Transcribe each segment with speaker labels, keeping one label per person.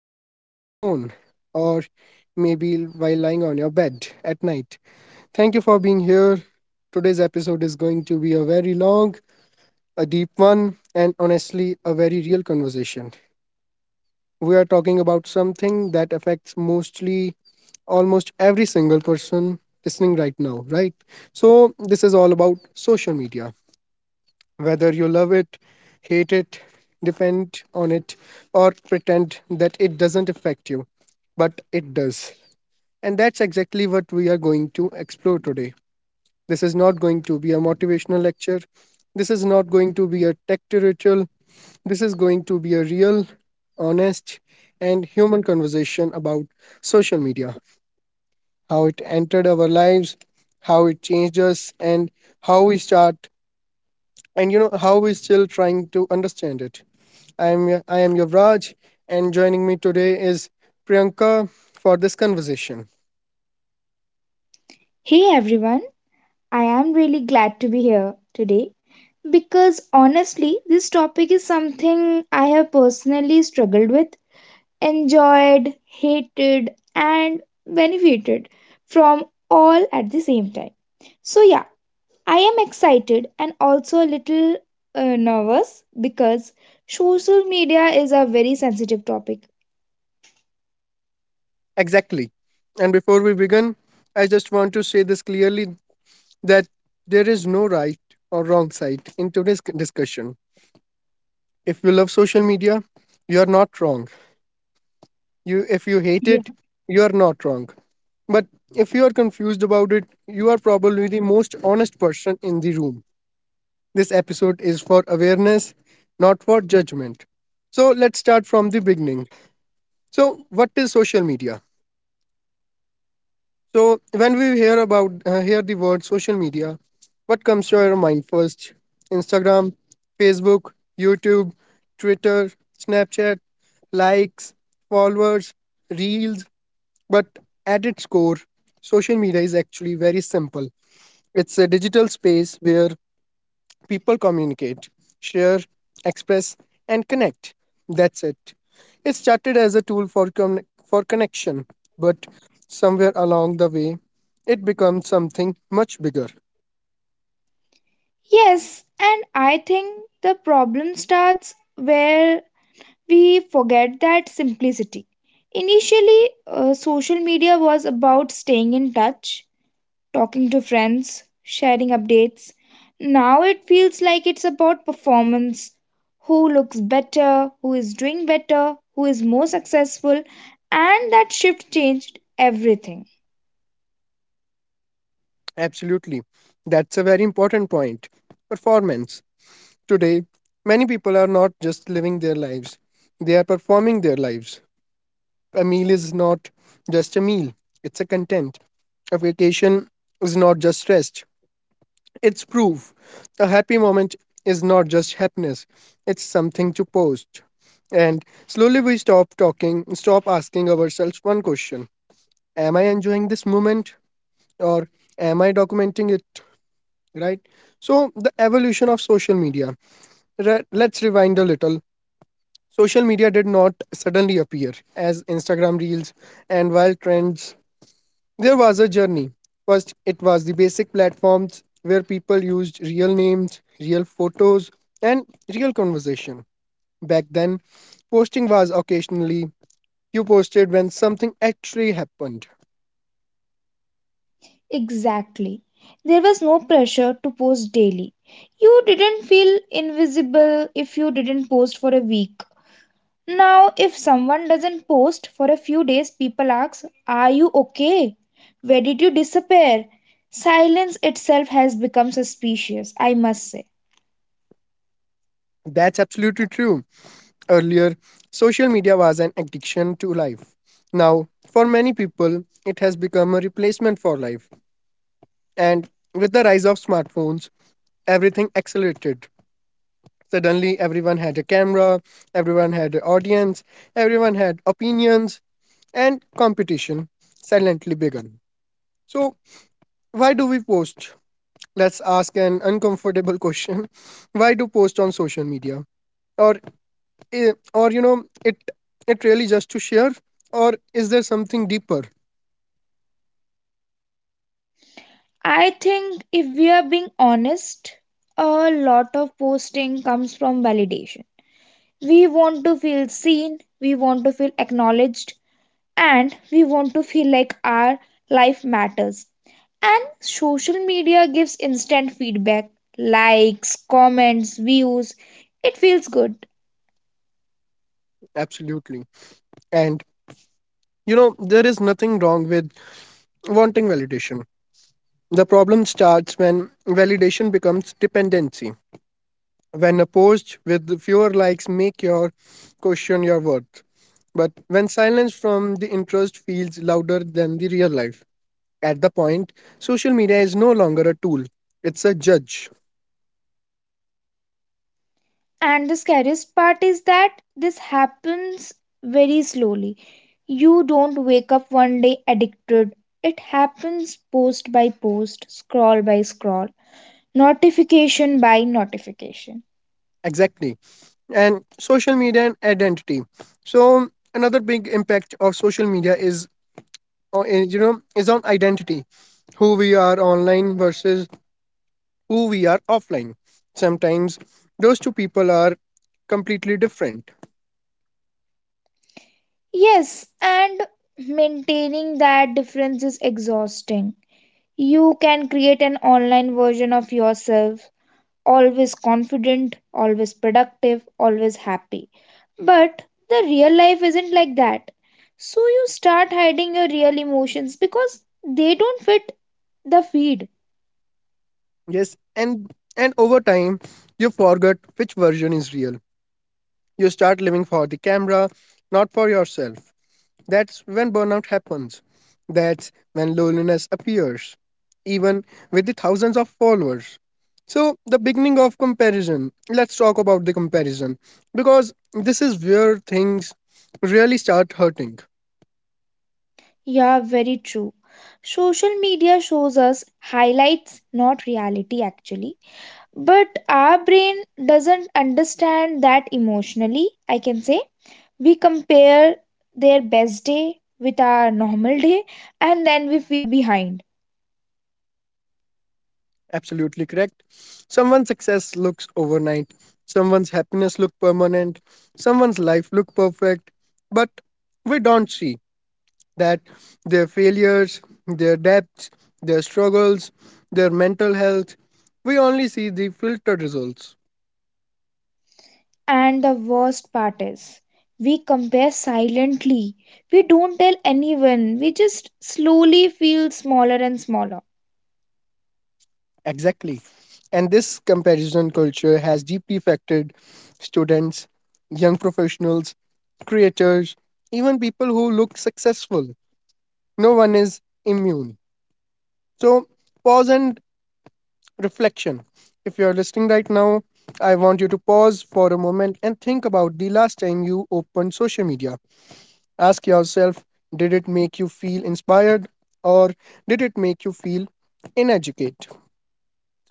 Speaker 1: Scrolling on your phone, or maybe while lying on your bed at night, thank you for being here. Today's episode is going to be a very long, a deep one, and honestly, a very real conversation. We are talking about something that affects mostly almost every single person listening right now, right? So, this is all about social media. Whether you love it, hate it, depend on it, or pretend that it doesn't affect you, but it does. And that's exactly what we are going to explore today. This is not going to be a motivational lecture. This is not going to be a tech tutorial. This is going to be a real, honest, and human conversation about social media, how it entered our lives, how it changed us, and how we start, and how we're still trying to understand it. I am Yuvraj, and joining me today is Priyanka for this conversation.
Speaker 2: Hey everyone, I am really glad to be here today because honestly, this topic is something I have personally struggled with, enjoyed, hated, and benefited from all at the same time. So, yeah, I am excited and also a little nervous because social media is a very sensitive topic.
Speaker 1: Exactly. And before we begin, I just want to say this clearly that there is no right or wrong side in today's discussion. If you love social media, you are not wrong. You if you hate
Speaker 2: Yeah.
Speaker 1: it, you are not wrong. But if you are confused about it, you are probably the most honest person in the room. This episode is for awareness, not for judgment. So let's start from the beginning. So what is social media? So when we hear about hear the word social media, what comes to your mind first? Instagram, Facebook, YouTube, Twitter, Snapchat, likes, followers, reels, but at its core, social media is actually very simple. It's a digital space where people communicate, share, express, and connect. That's it. It started as a tool for, for connection, but somewhere along the way, it becomes something much bigger.
Speaker 2: Yes, and I think the problem starts where we forget that simplicity. Initially, social media was about staying in touch, talking to friends, sharing updates. Now it feels like it's about performance, who looks better, who is doing better, who is more successful, and that shift changed everything.
Speaker 1: Absolutely. That's a very important point. Performance. Today, many people are not just living their lives, they are performing their lives. A meal is not just a meal, it's a content. A vacation is not just rest, it's proof. A happy moment is not just happiness, it's something to post. And slowly we stop talking, stop asking ourselves one question: am I enjoying this moment, or am I documenting it? Right? So, the evolution of social media. Let's rewind a little. Social media did not suddenly appear as Instagram reels and wild trends. There was a journey. First, it was the basic platforms where people used real names, real photos, and real conversation. Back then, posting was occasionally. You posted when something actually happened.
Speaker 2: Exactly. There was no pressure to post daily. You didn't feel invisible if you didn't post for a week. Now, if someone doesn't post for a few days, people ask, are you okay? Where did you disappear? Silence itself has become suspicious, I must say.
Speaker 1: That's absolutely true. Earlier, social media was an addiction to life. Now, for many people, it has become a replacement for life. And with the rise of smartphones, everything accelerated. Suddenly, everyone had a camera, everyone had an audience, everyone had opinions, and competition silently began. So, why do we post? Let's ask an uncomfortable question. Why do post on social media? Or, it it really just to share, or is there something deeper?
Speaker 2: I think if we are being honest, a lot of posting comes from validation. We want to feel seen, we want to feel acknowledged, and we want to feel like our life matters. And social media gives instant feedback, likes, comments, views. It feels good.
Speaker 1: Absolutely. And there is nothing wrong with wanting validation. The problem starts when validation becomes dependency. When a post with fewer likes make your question your worth, but when silence from the interest feels louder than the real life, at the point social media is no longer a tool, it's a judge.
Speaker 2: And the scariest part is that this happens very slowly. You don't wake up one day addicted. It happens post by post, scroll by scroll, notification by notification.
Speaker 1: Exactly. And social media and identity. So another big impact of social media is is on identity, who we are online versus who we are offline. Sometimes those two people are completely different.
Speaker 2: Yes, and maintaining that difference is exhausting. You can create an online version of yourself, always confident, always productive, always happy. But the real life isn't like that. So you start hiding your real emotions because they don't fit the feed.
Speaker 1: Yes, and over time you forget which version is real. You start living for the camera, not for yourself. That's when burnout happens. That's when loneliness appears, even with the thousands of followers. So, the beginning of comparison. Let's talk about the comparison because this is where things really start hurting.
Speaker 2: Yeah, very true. Social media shows us highlights, not reality actually. But our brain doesn't understand that emotionally, I can say. We compare their best day with our normal day and then we feel behind.
Speaker 1: Absolutely correct. Someone's success looks overnight, someone's happiness look permanent, someone's life look perfect, but we don't see that their failures, their debts, their struggles, their mental health, we only see the filtered results.
Speaker 2: And the worst part is, we compare silently. We don't tell anyone. We just slowly feel smaller and smaller.
Speaker 1: Exactly. And this comparison culture has deeply affected students, young professionals, creators, even people who look successful. No one is immune. So, pause and reflection. If you're listening right now, I want you to pause for a moment and think about the last time you opened social media. Ask yourself, did it make you feel inspired, or did it make you feel ineducate?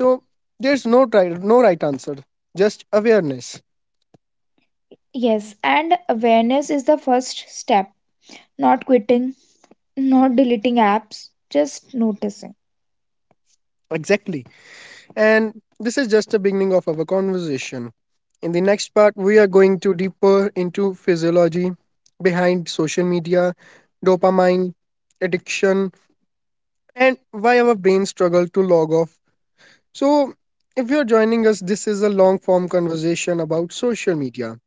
Speaker 1: So there's no try, no right answer, just awareness.
Speaker 2: Yes, and awareness is the first step. Not quitting, not deleting apps, just noticing.
Speaker 1: Exactly. And this is just the beginning of our conversation. In the next part, we are going to deeper into physiology behind social media, dopamine, addiction, and why our brains struggle to log off. So, if you're joining us, this is a long form conversation about social media,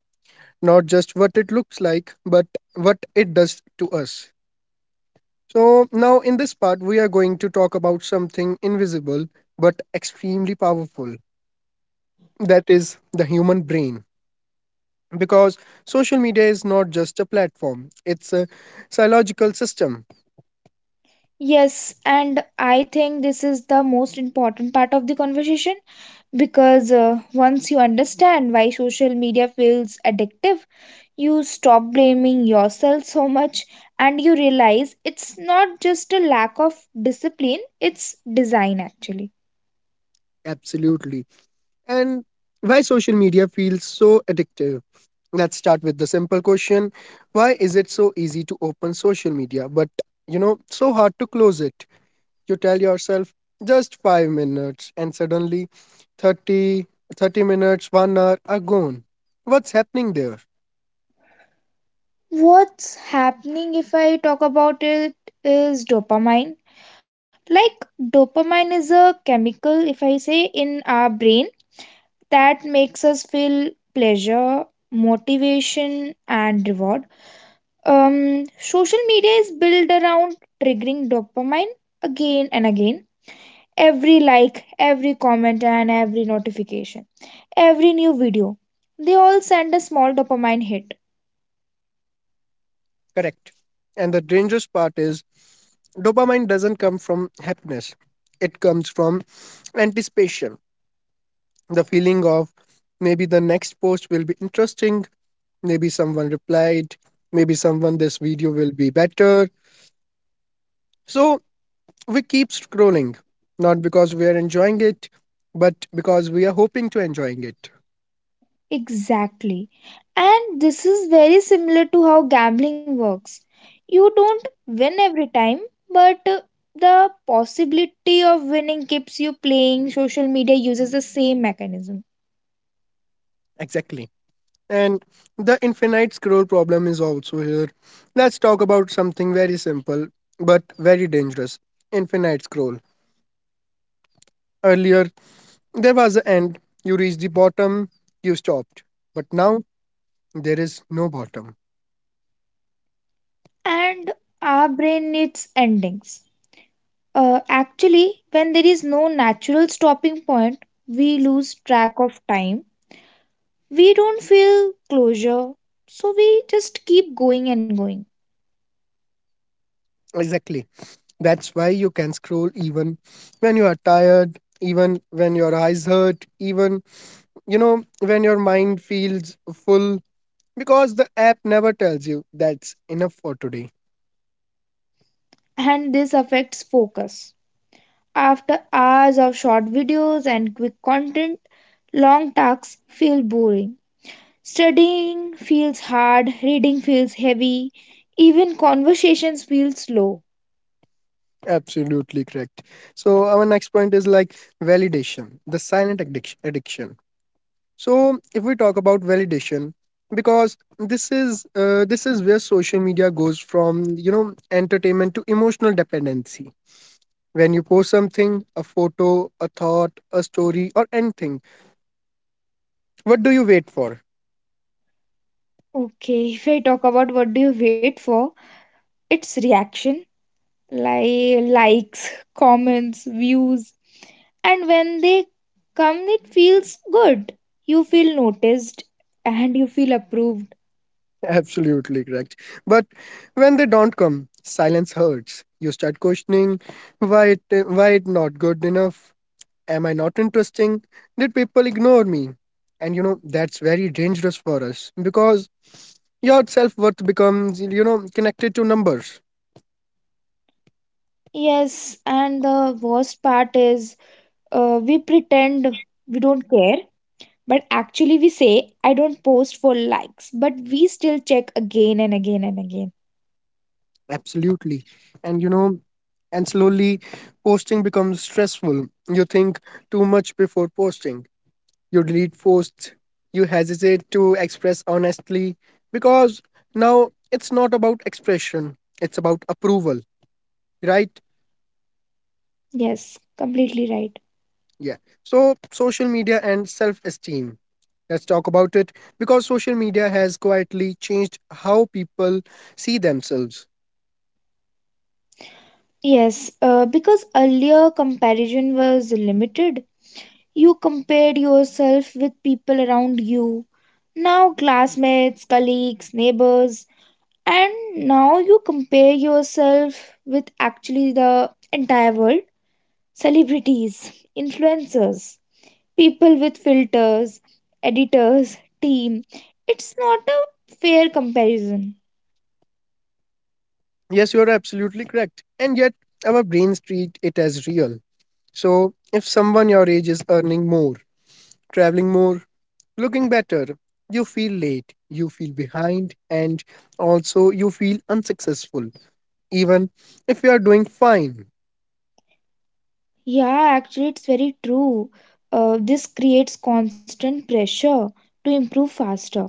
Speaker 1: not just what it looks like, but what it does to us. So, now in this part, we are going to talk about something invisible but extremely powerful, that is the human brain. Because social media is not just a platform, it's a psychological system.
Speaker 2: Yes, and I think this is the most important part of the conversation because once you understand why social media feels addictive, you stop blaming yourself so much and you realize it's not just a lack of discipline, it's design actually.
Speaker 1: Absolutely. And why social media feels so addictive. Let's start with the simple question. Why is it so easy to open social media but so hard to close it? You tell yourself just 5 minutes and suddenly thirty thirty minutes 1 hour are gone. What's happening there?
Speaker 2: What's happening, if I talk about it, is dopamine. Like, dopamine is a chemical, if I say, in our brain that makes us feel pleasure, motivation and reward. Social media is built around triggering dopamine again and again, every like, every comment, and every notification, every new video. They all send a small dopamine hit.
Speaker 1: Correct. And the dangerous part is dopamine doesn't come from happiness. It comes from anticipation, the feeling of maybe the next post will be interesting. Maybe someone replied, maybe someone this video will be better. So we keep scrolling, not because we are enjoying it, but because we are hoping to enjoying it.
Speaker 2: Exactly. And this is very similar to how gambling works. You don't win every time, but the possibility of winning keeps you playing. Social media uses the same mechanism.
Speaker 1: Exactly. And the infinite scroll problem is also here. Let's talk about something very simple but very dangerous, infinite scroll. Earlier, there was the end. You reached the bottom, you stopped. But now there is no bottom.
Speaker 2: And our brain needs endings. Actually, when there is no natural stopping point, we lose track of time, we don't feel closure, so we just keep going and going.
Speaker 1: Exactly. That's why you can scroll even when you are tired, even when your eyes hurt, even, when your mind feels full. Because the app never tells you that's enough for today.
Speaker 2: And this affects focus. After hours of short videos and quick content, long tasks feel boring, studying feels hard, reading feels heavy, even conversations feel slow.
Speaker 1: Absolutely correct. So our next point is like validation, the silent addiction. Addiction. So if we talk about validation, because this is this is where social media goes from entertainment to emotional dependency. When you post something, a photo, a thought, a story, or anything, what do you wait for?
Speaker 2: Okay, if I talk about what do you wait for, it's reaction, like likes, comments, views. And when they come, it feels good. You feel noticed and you feel approved.
Speaker 1: Absolutely correct. But when they don't come, silence hurts. You start questioning, why it not good enough? Am I not interesting? Did people ignore me? And you know that's very dangerous for us because your self-worth becomes connected to numbers.
Speaker 2: Yes, and the worst part is, we pretend we don't care, but actually we say, I don't post for likes, but we still check again and again and again.
Speaker 1: Absolutely. And slowly posting becomes stressful. You think too much before posting. You delete posts, you hesitate to express honestly because now it's not about expression, it's about approval, right?
Speaker 2: Yes, completely right.
Speaker 1: Yeah. So, social media and self esteem. Let's talk about it because social media has quietly changed how people see themselves.
Speaker 2: Yes, because earlier comparison was limited. You compared yourself with people around you, now classmates, colleagues, neighbors, and now you compare yourself with actually the entire world, celebrities, influencers, people with filters, editors, team. It's not a fair comparison.
Speaker 1: Yes, you're absolutely correct. And yet, our brains treat it as real. So, if someone your age is earning more, traveling more, looking better. You feel late, you feel behind, and also you feel unsuccessful, even if you are doing fine.
Speaker 2: Yeah, actually, it's very true. This creates constant pressure to improve faster,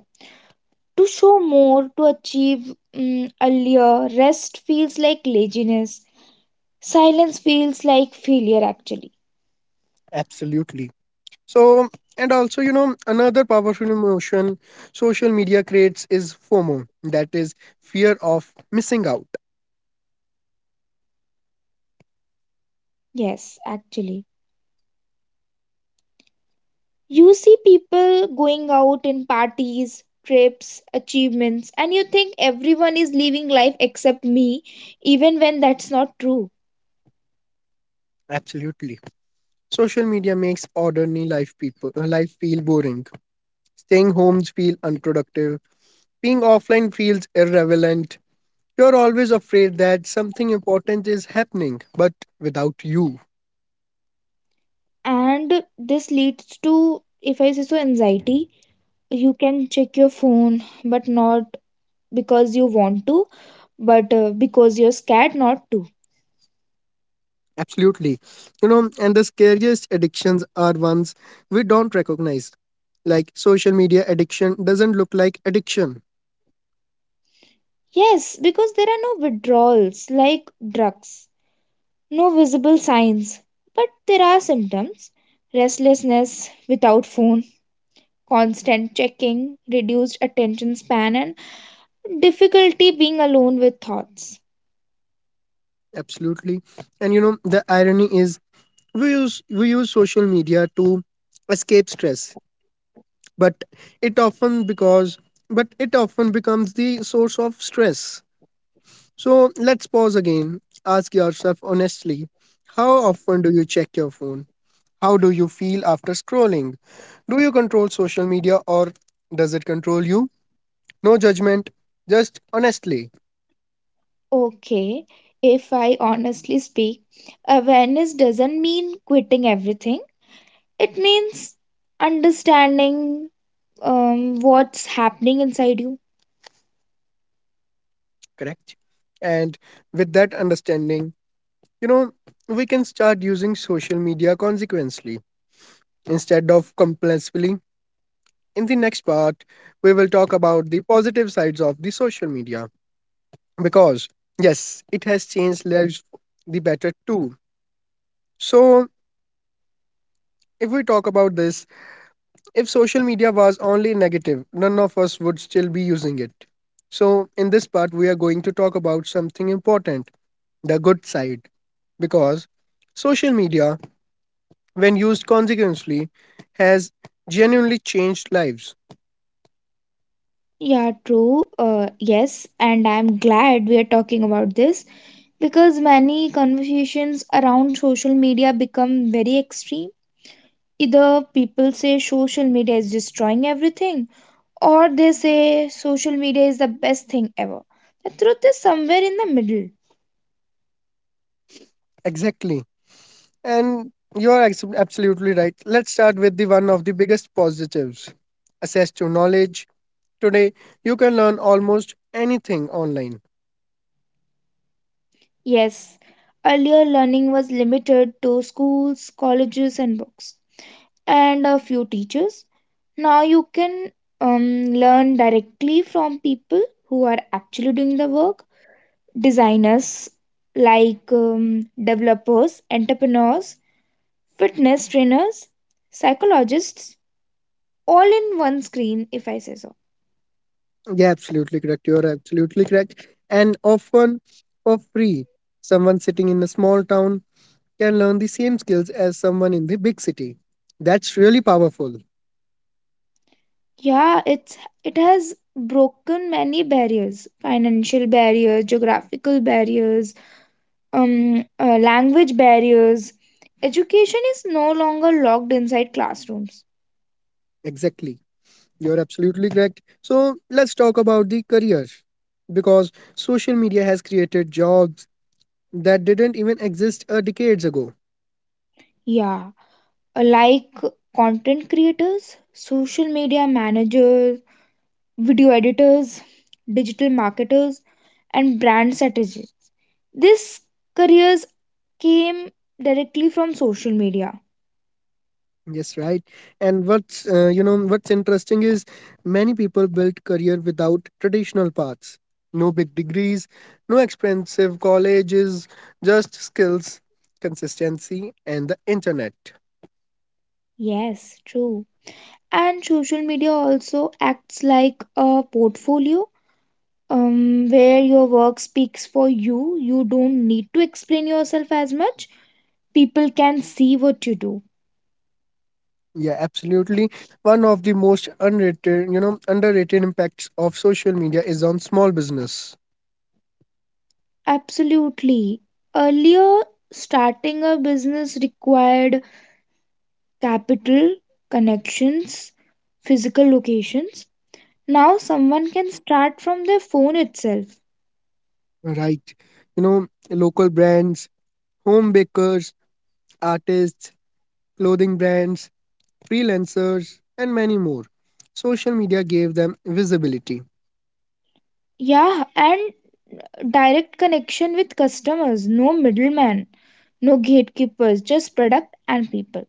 Speaker 2: to show more, to achieve earlier. Rest feels like laziness. Silence feels like failure, actually.
Speaker 1: Absolutely. So, and also, another powerful emotion social media creates is FOMO, that is fear of missing out.
Speaker 2: Yes, actually. You see people going out in parties, trips, achievements, and you think everyone is living life except me, even when that's not true.
Speaker 1: Absolutely. Social media makes ordinary life people life feel boring. Staying homes feel unproductive. Being offline feels irrelevant. You're always afraid that something important is happening, but without you.
Speaker 2: And this leads to, if I say so, anxiety. You can check your phone, but not because you want to, but because you're scared not to.
Speaker 1: Absolutely. And the scariest addictions are ones we don't recognize. Like social media addiction doesn't look like addiction.
Speaker 2: Yes, because there are no withdrawals like drugs, no visible signs, but there are symptoms, restlessness without phone, constant checking, reduced attention span, and difficulty being alone with thoughts.
Speaker 1: Absolutely. And the irony is we use social media to escape stress, but it often because but it often becomes the source of stress. So let's pause again. Ask yourself honestly, how often do you check your phone? How do you feel after scrolling? Do you control social media or does it control you? No judgment, just honestly,
Speaker 2: Okay, if I honestly speak, awareness doesn't mean quitting everything, it means understanding what's happening inside you.
Speaker 1: correct? And with that understanding, you know, we can start using social media consequently instead of compulsively. In the next part, we will talk about the positive sides of the social media. Because yes it has changed lives the better too. So if we talk about this, if social media was only negative none of us would still be using it. So in this part we are going to talk about something important, the good side, because social media when used consequently has genuinely changed lives.
Speaker 2: Yeah, true. Yes, and I'm glad we are talking about this because many conversations around social media become very extreme. Either people say social media is destroying everything, or they say social media is the best thing ever. The truth is somewhere in the middle.
Speaker 1: Exactly. And you are absolutely right. Let's start with the one of the biggest positives, access to knowledge. Today, you can learn almost anything online.
Speaker 2: Yes, earlier learning was limited to schools, colleges, and books, and a few teachers. Now you can learn directly from people who are actually doing the work, designers, like developers, entrepreneurs, fitness trainers, psychologists, all in one screen, if I say so.
Speaker 1: Yeah, absolutely correct. You're absolutely correct. And often for free. Someone sitting in a small town can learn the same skills as someone in the big city. That's really powerful.
Speaker 2: Yeah, it has broken many barriers, financial barriers, geographical barriers, language barriers. Education is no longer locked inside classrooms.
Speaker 1: Exactly. You're absolutely correct. So let's talk about the career because social media has created jobs that didn't even exist decades ago.
Speaker 2: Yeah, like content creators, social media managers, video editors, digital marketers, and brand strategists. These careers came directly from social media.
Speaker 1: Yes, right. And what's what's interesting is many people built career without traditional paths. No big degrees, no expensive colleges, just skills, consistency, and the internet.
Speaker 2: Yes, true. And social media also acts like a portfolio, where your work speaks for you. You don't need to explain yourself as much. People can see what you do.
Speaker 1: Yeah, absolutely. One of the most unrated, underrated impacts of social media is on small business,
Speaker 2: Absolutely. Earlier, starting a business required capital, connections, physical locations. Now, someone can start from their phone itself.
Speaker 1: right? You know, local brands, home bakers, artists, clothing brands, freelancers, and many more. Social media gave them visibility,
Speaker 2: Yeah, and direct connection with customers, no middleman, no gatekeepers, just product and people.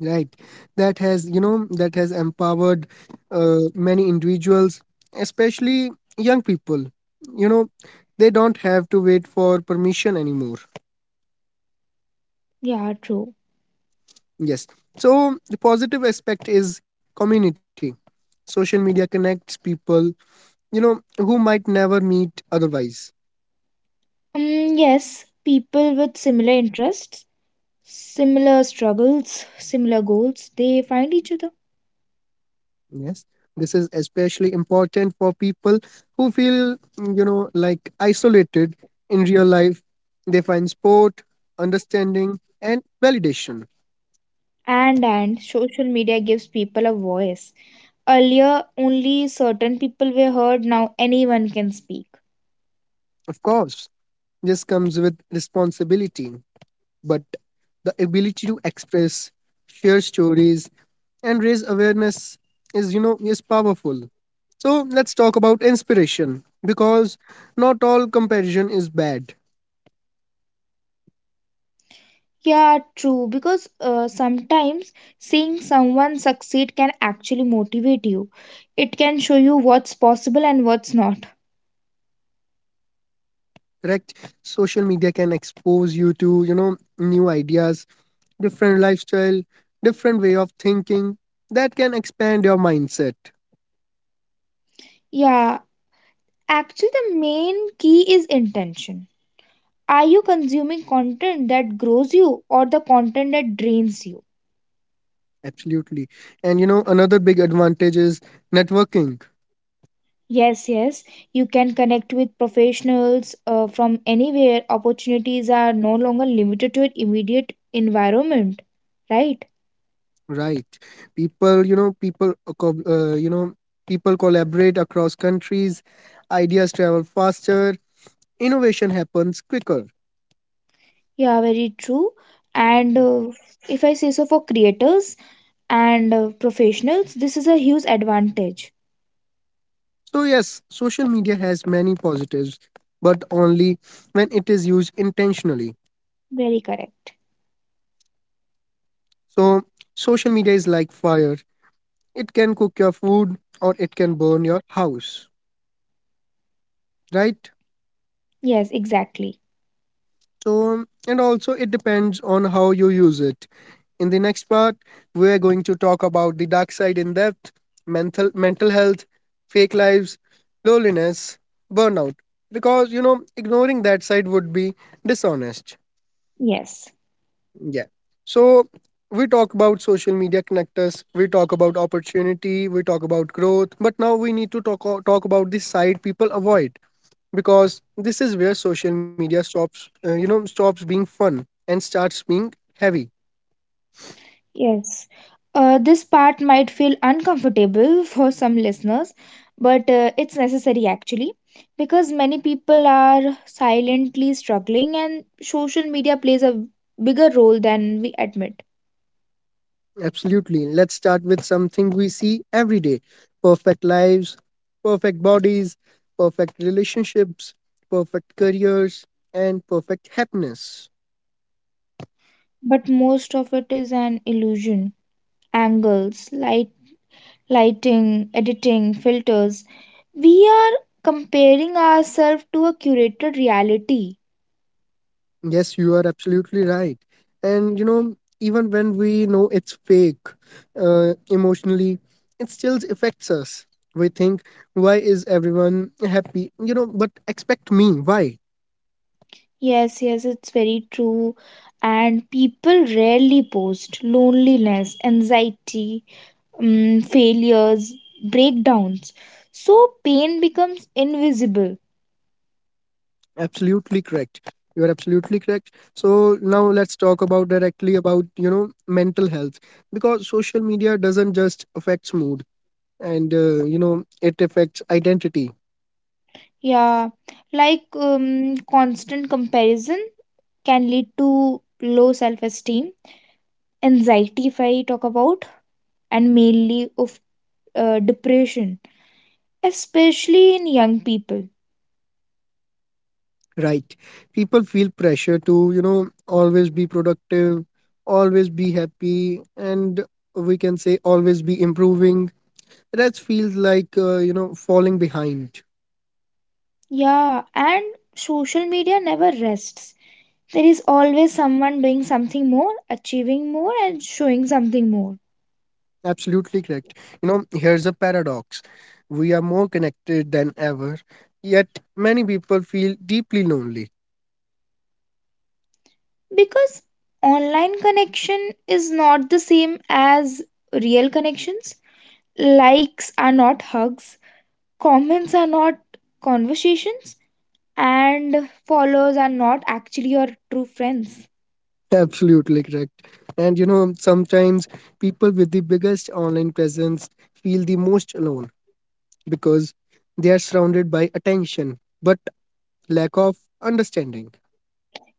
Speaker 1: right? That has, that has empowered many individuals, especially young people. You know, they don't have to wait for permission anymore.
Speaker 2: Yeah, true.
Speaker 1: Yes. So the positive aspect is community. Social media connects people, you know, who might never meet otherwise.
Speaker 2: Yes, people with similar interests, similar struggles, similar goals, they find each other.
Speaker 1: Yes. This is especially important for people who feel, like isolated in real life. They find support, understanding, and validation.
Speaker 2: And social media gives people a voice. Earlier, only certain people were heard. Now anyone can speak.
Speaker 1: Of course, this comes with responsibility, but the ability to express, share stories, and raise awareness is, is powerful. So let's talk about inspiration because not all comparison is bad.
Speaker 2: Yeah, true. Because sometimes seeing someone succeed can actually motivate you. It can show you what's possible and what's not.
Speaker 1: Correct. Social media can expose you to, new ideas, different lifestyle, different way of thinking that can expand your mindset.
Speaker 2: Yeah, actually, the main key is intention. Are you consuming content that grows you or the content that drains you?
Speaker 1: Absolutely. And you know another big advantage is networking.
Speaker 2: Yes, yes, you can connect with professionals from anywhere. Opportunities are no longer limited to your immediate environment, right?
Speaker 1: Right. People, people collaborate across countries, ideas travel faster, innovation happens quicker.
Speaker 2: Yeah, very true. And if I say so, for creators and professionals, this is a huge advantage.
Speaker 1: So, yes, social media has many positives, but only when it is used intentionally.
Speaker 2: Very correct.
Speaker 1: So, social media is like fire. It can cook your food or it can burn your house, right?
Speaker 2: Yes, exactly.
Speaker 1: So, and also it depends on how you use it. In the next part, we're going to talk about the dark side in depth, mental health, fake lives, loneliness, burnout. Because ignoring that side would be dishonest.
Speaker 2: Yes.
Speaker 1: Yeah. So we talk about social media connectors, we talk about opportunity, we talk about growth, but now we need to talk about the side people avoid, because this is where social media stops, stops being fun and starts being heavy.
Speaker 2: Yes, this part might feel uncomfortable for some listeners, but it's necessary actually because many people are silently struggling, and social media plays a bigger role than we admit.
Speaker 1: Absolutely. Let's start with something we see every day: perfect lives, perfect bodies, perfect relationships, perfect careers, and perfect happiness.
Speaker 2: But most of it is an illusion. Angles, lighting, editing, filters. We are comparing ourselves to a curated reality.
Speaker 1: Yes, you are absolutely right. And you know, even when we know it's fake emotionally, it still affects us. We think, why is everyone happy? You know, but expect me, why?
Speaker 2: Yes, yes, it's very true. And people rarely post loneliness, anxiety, failures, breakdowns. So pain becomes invisible.
Speaker 1: Absolutely correct. You are absolutely correct. So now let's talk about directly about, mental health, because social media doesn't just affects mood and, it affects identity,
Speaker 2: Yeah, like constant comparison can lead to low self esteem, anxiety, if I talk about, and mainly of depression, especially in young people.
Speaker 1: right? People feel pressure to, always be productive, always be happy, and we can say always be improving. That feels like, falling behind.
Speaker 2: Yeah, and social media never rests. There is always someone doing something more, achieving more, and showing something more.
Speaker 1: Absolutely correct. You know, here's a paradox. We are more connected than ever, yet many people feel deeply lonely.
Speaker 2: Because online connection is not the same as real connections. Likes are not hugs, comments are not conversations, and followers are not actually your true friends.
Speaker 1: Absolutely correct. And you know, sometimes people with the biggest online presence feel the most alone, because they are surrounded by attention but lack of understanding.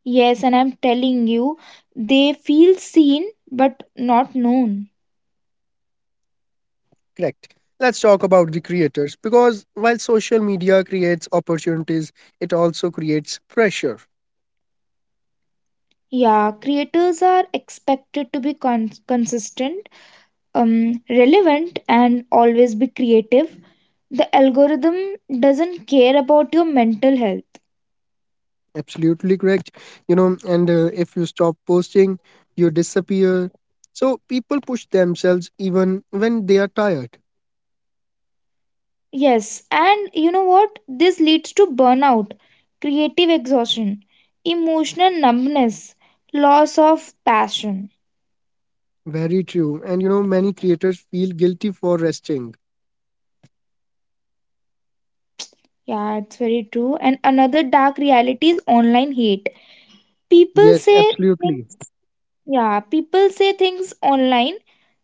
Speaker 2: Yes, and I'm telling you, they feel seen but not known.
Speaker 1: Correct. Let's talk about the creators because while social media creates opportunities, it also creates pressure.
Speaker 2: Yeah, creators are expected to be consistent, relevant and always be creative. The algorithm doesn't care about your mental health.
Speaker 1: Absolutely correct. You know, and if you stop posting, you disappear. So people push themselves even when they are tired.
Speaker 2: Yes, and you know what? This leads to burnout, creative exhaustion, emotional numbness, loss of passion.
Speaker 1: Very true. And you know, many creators feel guilty for resting.
Speaker 2: Yeah, it's very true. And another dark reality is online hate. People
Speaker 1: Yes,
Speaker 2: say
Speaker 1: absolutely.
Speaker 2: things. Yeah, people say things online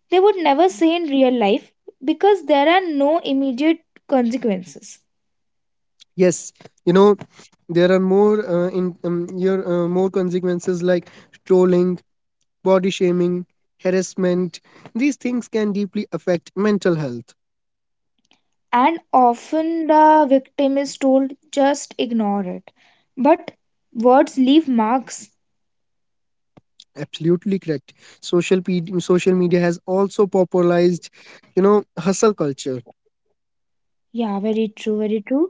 Speaker 2: they would never say in real life because there are no immediate consequences.
Speaker 1: Yes, you know, there are more in your more consequences like trolling, body shaming, harassment. These things can deeply affect mental health.
Speaker 2: And often the victim is told, just ignore it, but words leave marks.
Speaker 1: Absolutely correct. Social media has also popularized, hustle culture,
Speaker 2: Yeah, very true.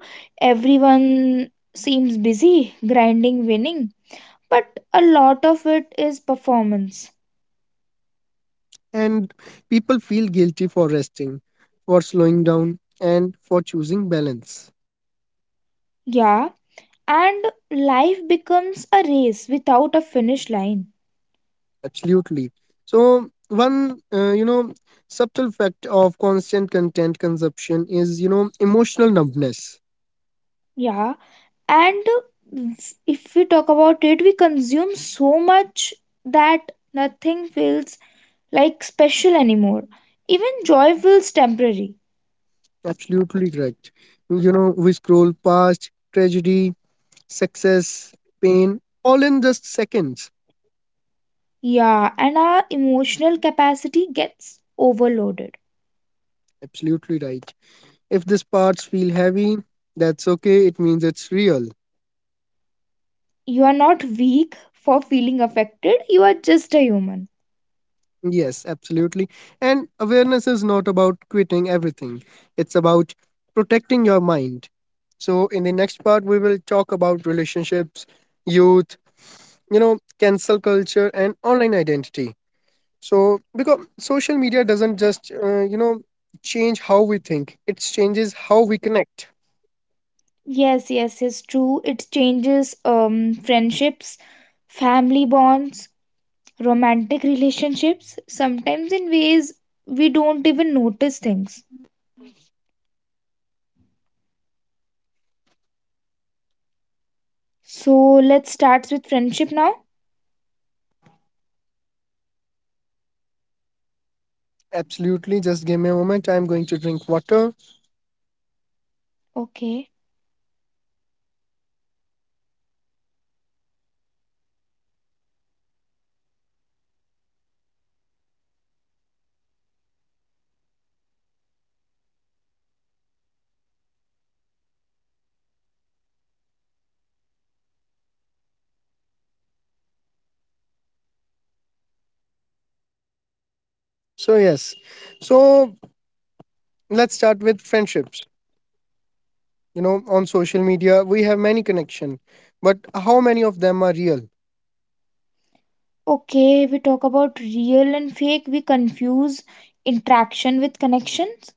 Speaker 2: Everyone seems busy grinding, winning, but a lot of it is performance.
Speaker 1: and people feel guilty for resting, for slowing down, and for choosing balance.
Speaker 2: Yeah, and life becomes a race without a finish line.
Speaker 1: Absolutely. So one, subtle fact of constant content consumption is, emotional numbness.
Speaker 2: Yeah, and if we talk about it, we consume so much that nothing feels like special anymore. Even joy feels temporary.
Speaker 1: Absolutely correct. You know, we scroll past tragedy, success, pain, all in just seconds.
Speaker 2: Yeah, and our emotional capacity gets overloaded.
Speaker 1: Absolutely right. If these parts feel heavy, that's okay. It means it's real.
Speaker 2: You are not weak for feeling affected, you are just a human.
Speaker 1: Yes, absolutely. And awareness is not about quitting everything, it's about protecting your mind. So, in the next part, we will talk about relationships, youth, cancel culture, and online identity. So, because social media doesn't just, change how we think, it changes how we connect.
Speaker 2: Yes, yes, it's true, it changes friendships, family bonds, romantic relationships, sometimes in ways we don't even notice things. So let's start with friendship now.
Speaker 1: Absolutely. Just give me a moment. I'm going to drink water.
Speaker 2: Okay.
Speaker 1: So, yes. So, let's start with friendships. You know, on social media, we have many connection, but how many of them are real?
Speaker 2: Okay, we talk about real and fake, we confuse interaction with connections.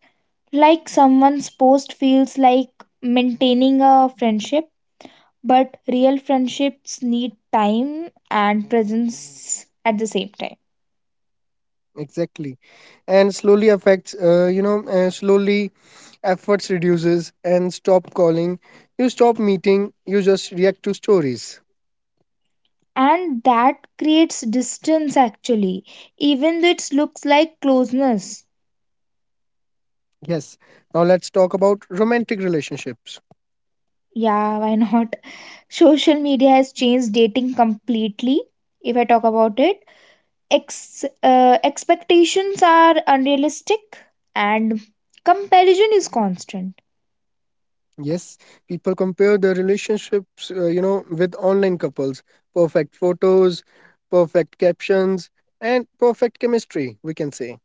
Speaker 2: Like, someone's post feels like maintaining a friendship, but real friendships need time and presence at the same time.
Speaker 1: Exactly. And slowly affects, slowly efforts reduces and stop calling. You stop meeting. You just react to stories.
Speaker 2: And that creates distance actually, even though it looks like closeness.
Speaker 1: Yes. Now, let's talk about romantic relationships.
Speaker 2: Yeah, why not? Social media has changed dating completely. If I talk about it, expectations are unrealistic and comparison is constant.
Speaker 1: Yes, people compare their relationships, with online couples. Perfect photos, perfect captions, and perfect chemistry, we can say.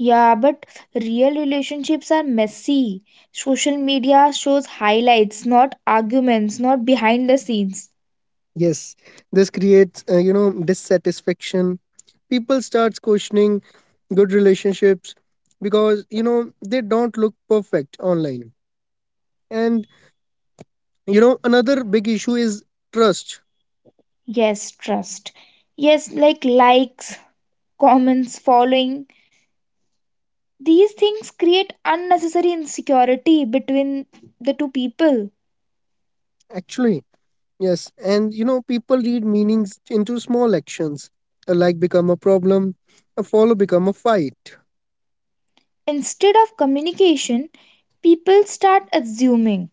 Speaker 2: Yeah, but real relationships are messy. Social media shows highlights, not arguments, not behind the scenes.
Speaker 1: Yes, this creates, dissatisfaction. People starts questioning good relationships because, they don't look perfect online. And, another big issue is trust.
Speaker 2: Yes, trust. Yes, like likes, comments, following. These things create unnecessary insecurity between the two people.
Speaker 1: Actually, yes, and you know, people read meanings into small actions. A like become a problem, a follow become a fight.
Speaker 2: Instead of communication, people start assuming.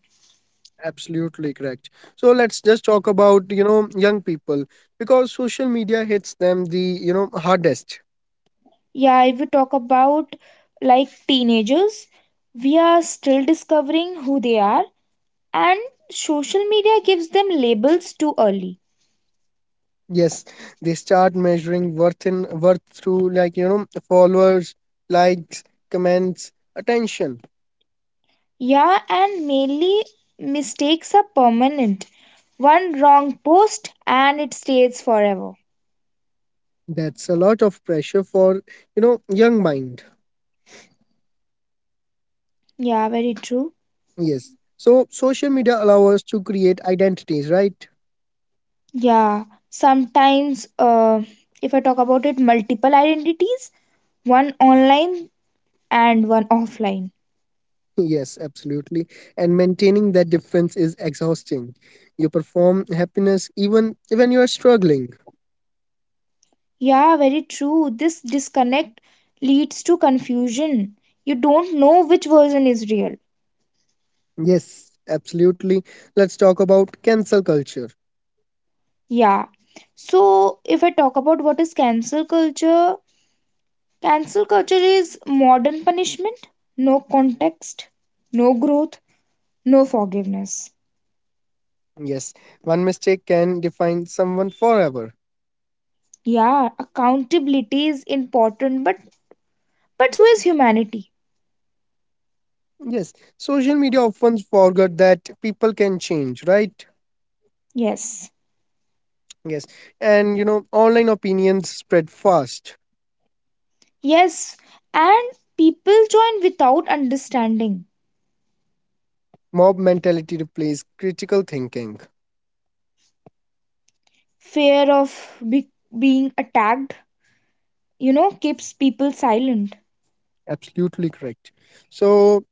Speaker 1: Absolutely correct. So let's just talk about, young people because social media hits them the, hardest.
Speaker 2: Yeah, if we talk about like teenagers, we are still discovering who they are, and social media gives them labels too early.
Speaker 1: Yes, they start measuring worth in worth through, like, followers, likes, comments, attention.
Speaker 2: Yeah, and mainly mistakes are permanent. One wrong post and it stays forever.
Speaker 1: That's a lot of pressure for, young mind.
Speaker 2: Yeah, very true.
Speaker 1: Yes. So social media allow us to create identities, right?
Speaker 2: Yeah, sometimes if I talk about it, multiple identities, one online and one offline.
Speaker 1: Yes, absolutely. And maintaining that difference is exhausting. You perform happiness even when you are struggling.
Speaker 2: Yeah, very true. This disconnect leads to confusion. You don't know which version is real.
Speaker 1: Yes, absolutely. Let's talk about cancel culture.
Speaker 2: Yeah. So, if I talk about what is cancel culture is modern punishment, no context, no growth, no forgiveness.
Speaker 1: Yes, one mistake can define someone forever.
Speaker 2: Yeah, accountability is important, but so is humanity.
Speaker 1: Yes, social media often forget that people can change, right?
Speaker 2: Yes.
Speaker 1: Yes, and you know, online opinions spread fast.
Speaker 2: Yes, and people join without understanding.
Speaker 1: Mob mentality replaces critical thinking.
Speaker 2: Fear of be- being attacked, keeps people silent.
Speaker 1: Absolutely correct. So,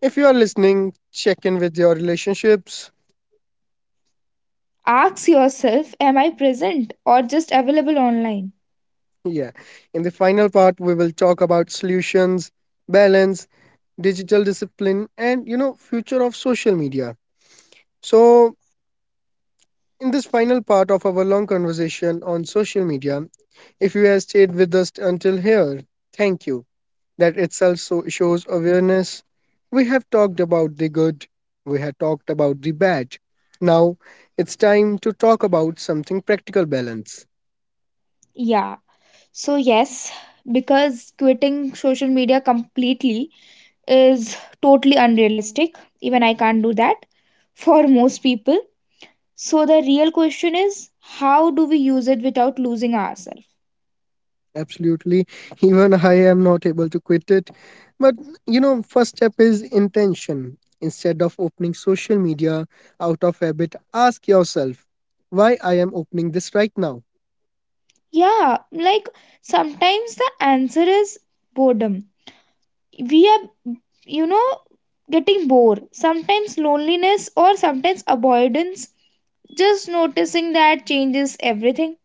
Speaker 1: if you are listening, check in with your relationships.
Speaker 2: Ask yourself, am I present or just available online?
Speaker 1: Yeah. In the final part, we will talk about solutions, balance, digital discipline, and, future of social media. So, in this final part of our long conversation on social media, if you have stayed with us until here, thank you. That itself so shows awareness. We have talked about the good, we have talked about the bad. Now, it's time to talk about something practical: balance.
Speaker 2: Yeah. So, yes, because quitting social media completely is totally unrealistic. Even I can't do that for most people. So, the real question is, how do we use it without losing ourselves?
Speaker 1: Absolutely. Even I am not able to quit it. But you know, first step is intention. Instead of opening social media out of habit, ask yourself why I am opening this right now.
Speaker 2: Yeah, like sometimes the answer is boredom, we are you know getting bored, sometimes loneliness or sometimes avoidance. Just noticing that changes everything.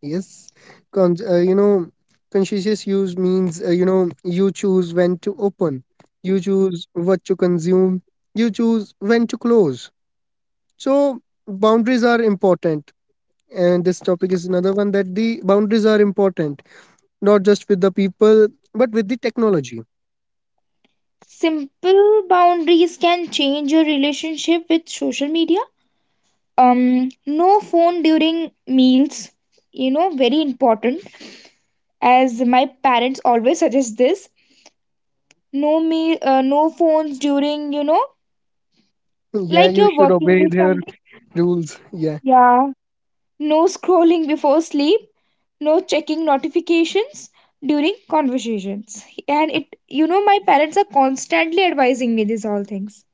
Speaker 1: Yes, Con- uh, you know, conscious use means, you choose when to open, you choose what to consume, you choose when to close. So boundaries are important, and this topic is another one that the boundaries are important not just with the people, but with the technology.
Speaker 2: Simple boundaries can change your relationship with social media. No phone during meals, very important, as my parents always suggest this. No phones during
Speaker 1: Yeah,
Speaker 2: like
Speaker 1: you
Speaker 2: you're
Speaker 1: should
Speaker 2: working
Speaker 1: obey
Speaker 2: with
Speaker 1: their
Speaker 2: something.
Speaker 1: rules. Yeah,
Speaker 2: Yeah, no scrolling before sleep, no checking notifications during conversations. And it you know my parents are constantly advising me these all things.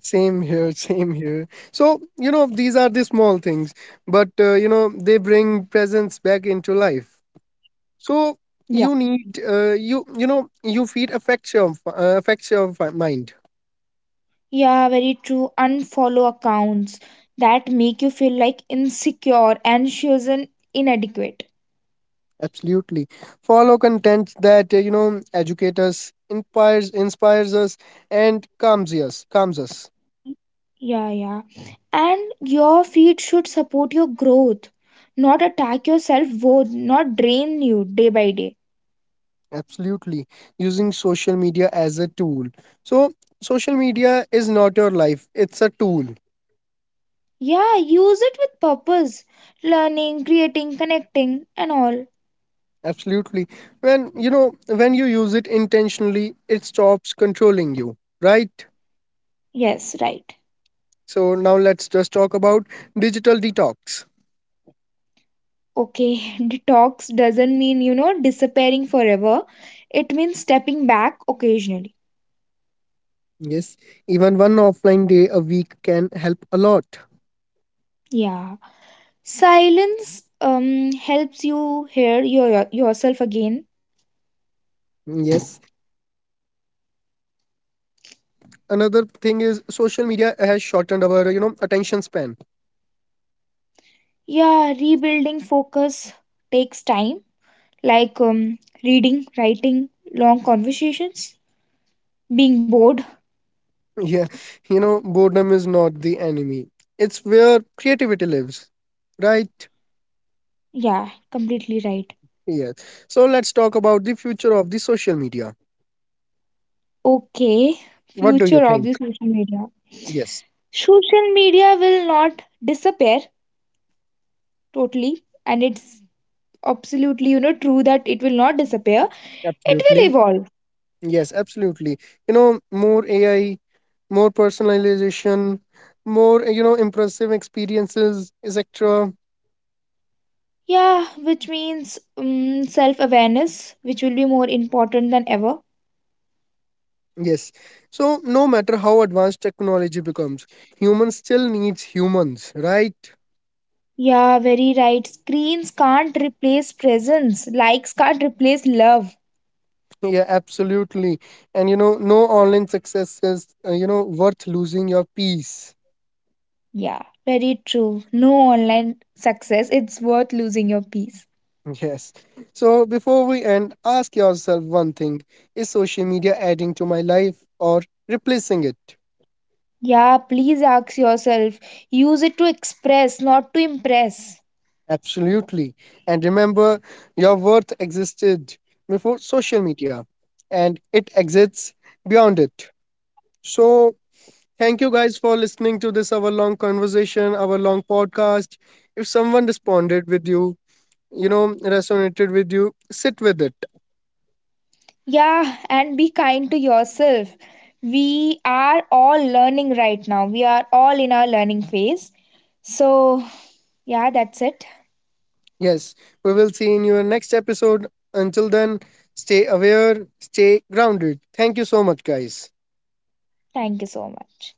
Speaker 1: same here, same here. So, you know, these are the small things, but, they bring presence back into life. So,
Speaker 2: Yeah.
Speaker 1: you need, you feed affection, affection of mind.
Speaker 2: Yeah, very true. Unfollow accounts that make you feel like insecure, anxious and inadequate.
Speaker 1: Absolutely. Follow content that, educates, us, inspires, inspires us, and calms us, calms us.
Speaker 2: Yeah, yeah, and your feed should support your growth, not attack your self worth, not drain you day by day.
Speaker 1: Absolutely. Using social media as a tool. So, social media is not your life, it's a tool.
Speaker 2: Yeah, use it with purpose. Learning, creating, connecting, and all.
Speaker 1: Absolutely. When you know, when you use it intentionally, it stops controlling you, right?
Speaker 2: Yes, right.
Speaker 1: So, now let's just talk about digital detox.
Speaker 2: Okay, detox doesn't mean, disappearing forever. It means stepping back occasionally.
Speaker 1: Yes, even one offline day a week can help a lot.
Speaker 2: Yeah. Silence helps you hear yourself again.
Speaker 1: Yes. And another thing is social media has shortened our, attention span.
Speaker 2: Yeah, rebuilding focus takes time, like reading, writing, long conversations, being bored.
Speaker 1: Yeah, you know, boredom is not the enemy. It's where creativity lives, right?
Speaker 2: Yeah, completely right.
Speaker 1: Yes. So let's talk about the future of the social media.
Speaker 2: Okay,
Speaker 1: What do you
Speaker 2: future of
Speaker 1: think?
Speaker 2: the social media.
Speaker 1: Yes,
Speaker 2: Social media will not disappear totally, and it's absolutely true that it will not disappear. It will
Speaker 1: absolutely.
Speaker 2: evolve.
Speaker 1: Yes, absolutely. You know, more AI, more personalization, more, impressive experiences, etc.
Speaker 2: Yeah, which means self awareness, which will be more important than ever.
Speaker 1: Yes. So no matter how advanced technology becomes, humans still needs humans, right?
Speaker 2: Yeah, very right. Screens can't replace presence. Likes can't replace love.
Speaker 1: Yeah, absolutely. And you know, no online success is, worth losing your peace.
Speaker 2: Yeah, very true. No online success. It's worth losing your peace.
Speaker 1: Yes. So before we end, ask yourself one thing: is social media adding to my life or replacing it?
Speaker 2: Yeah, please ask yourself. Use it to express, not to impress.
Speaker 1: Absolutely. And remember, your worth existed before social media and it exists beyond it. So thank you guys for listening to this, our long conversation, our long podcast. If someone responded with you, resonated with you, sit with it.
Speaker 2: Yeah, and be kind to yourself. We are all learning right now. We are all in our learning phase. So, yeah, that's it.
Speaker 1: Yes, we will see in your next episode. Until then, stay aware, stay grounded. Thank you so much, guys.
Speaker 2: Thank you so much.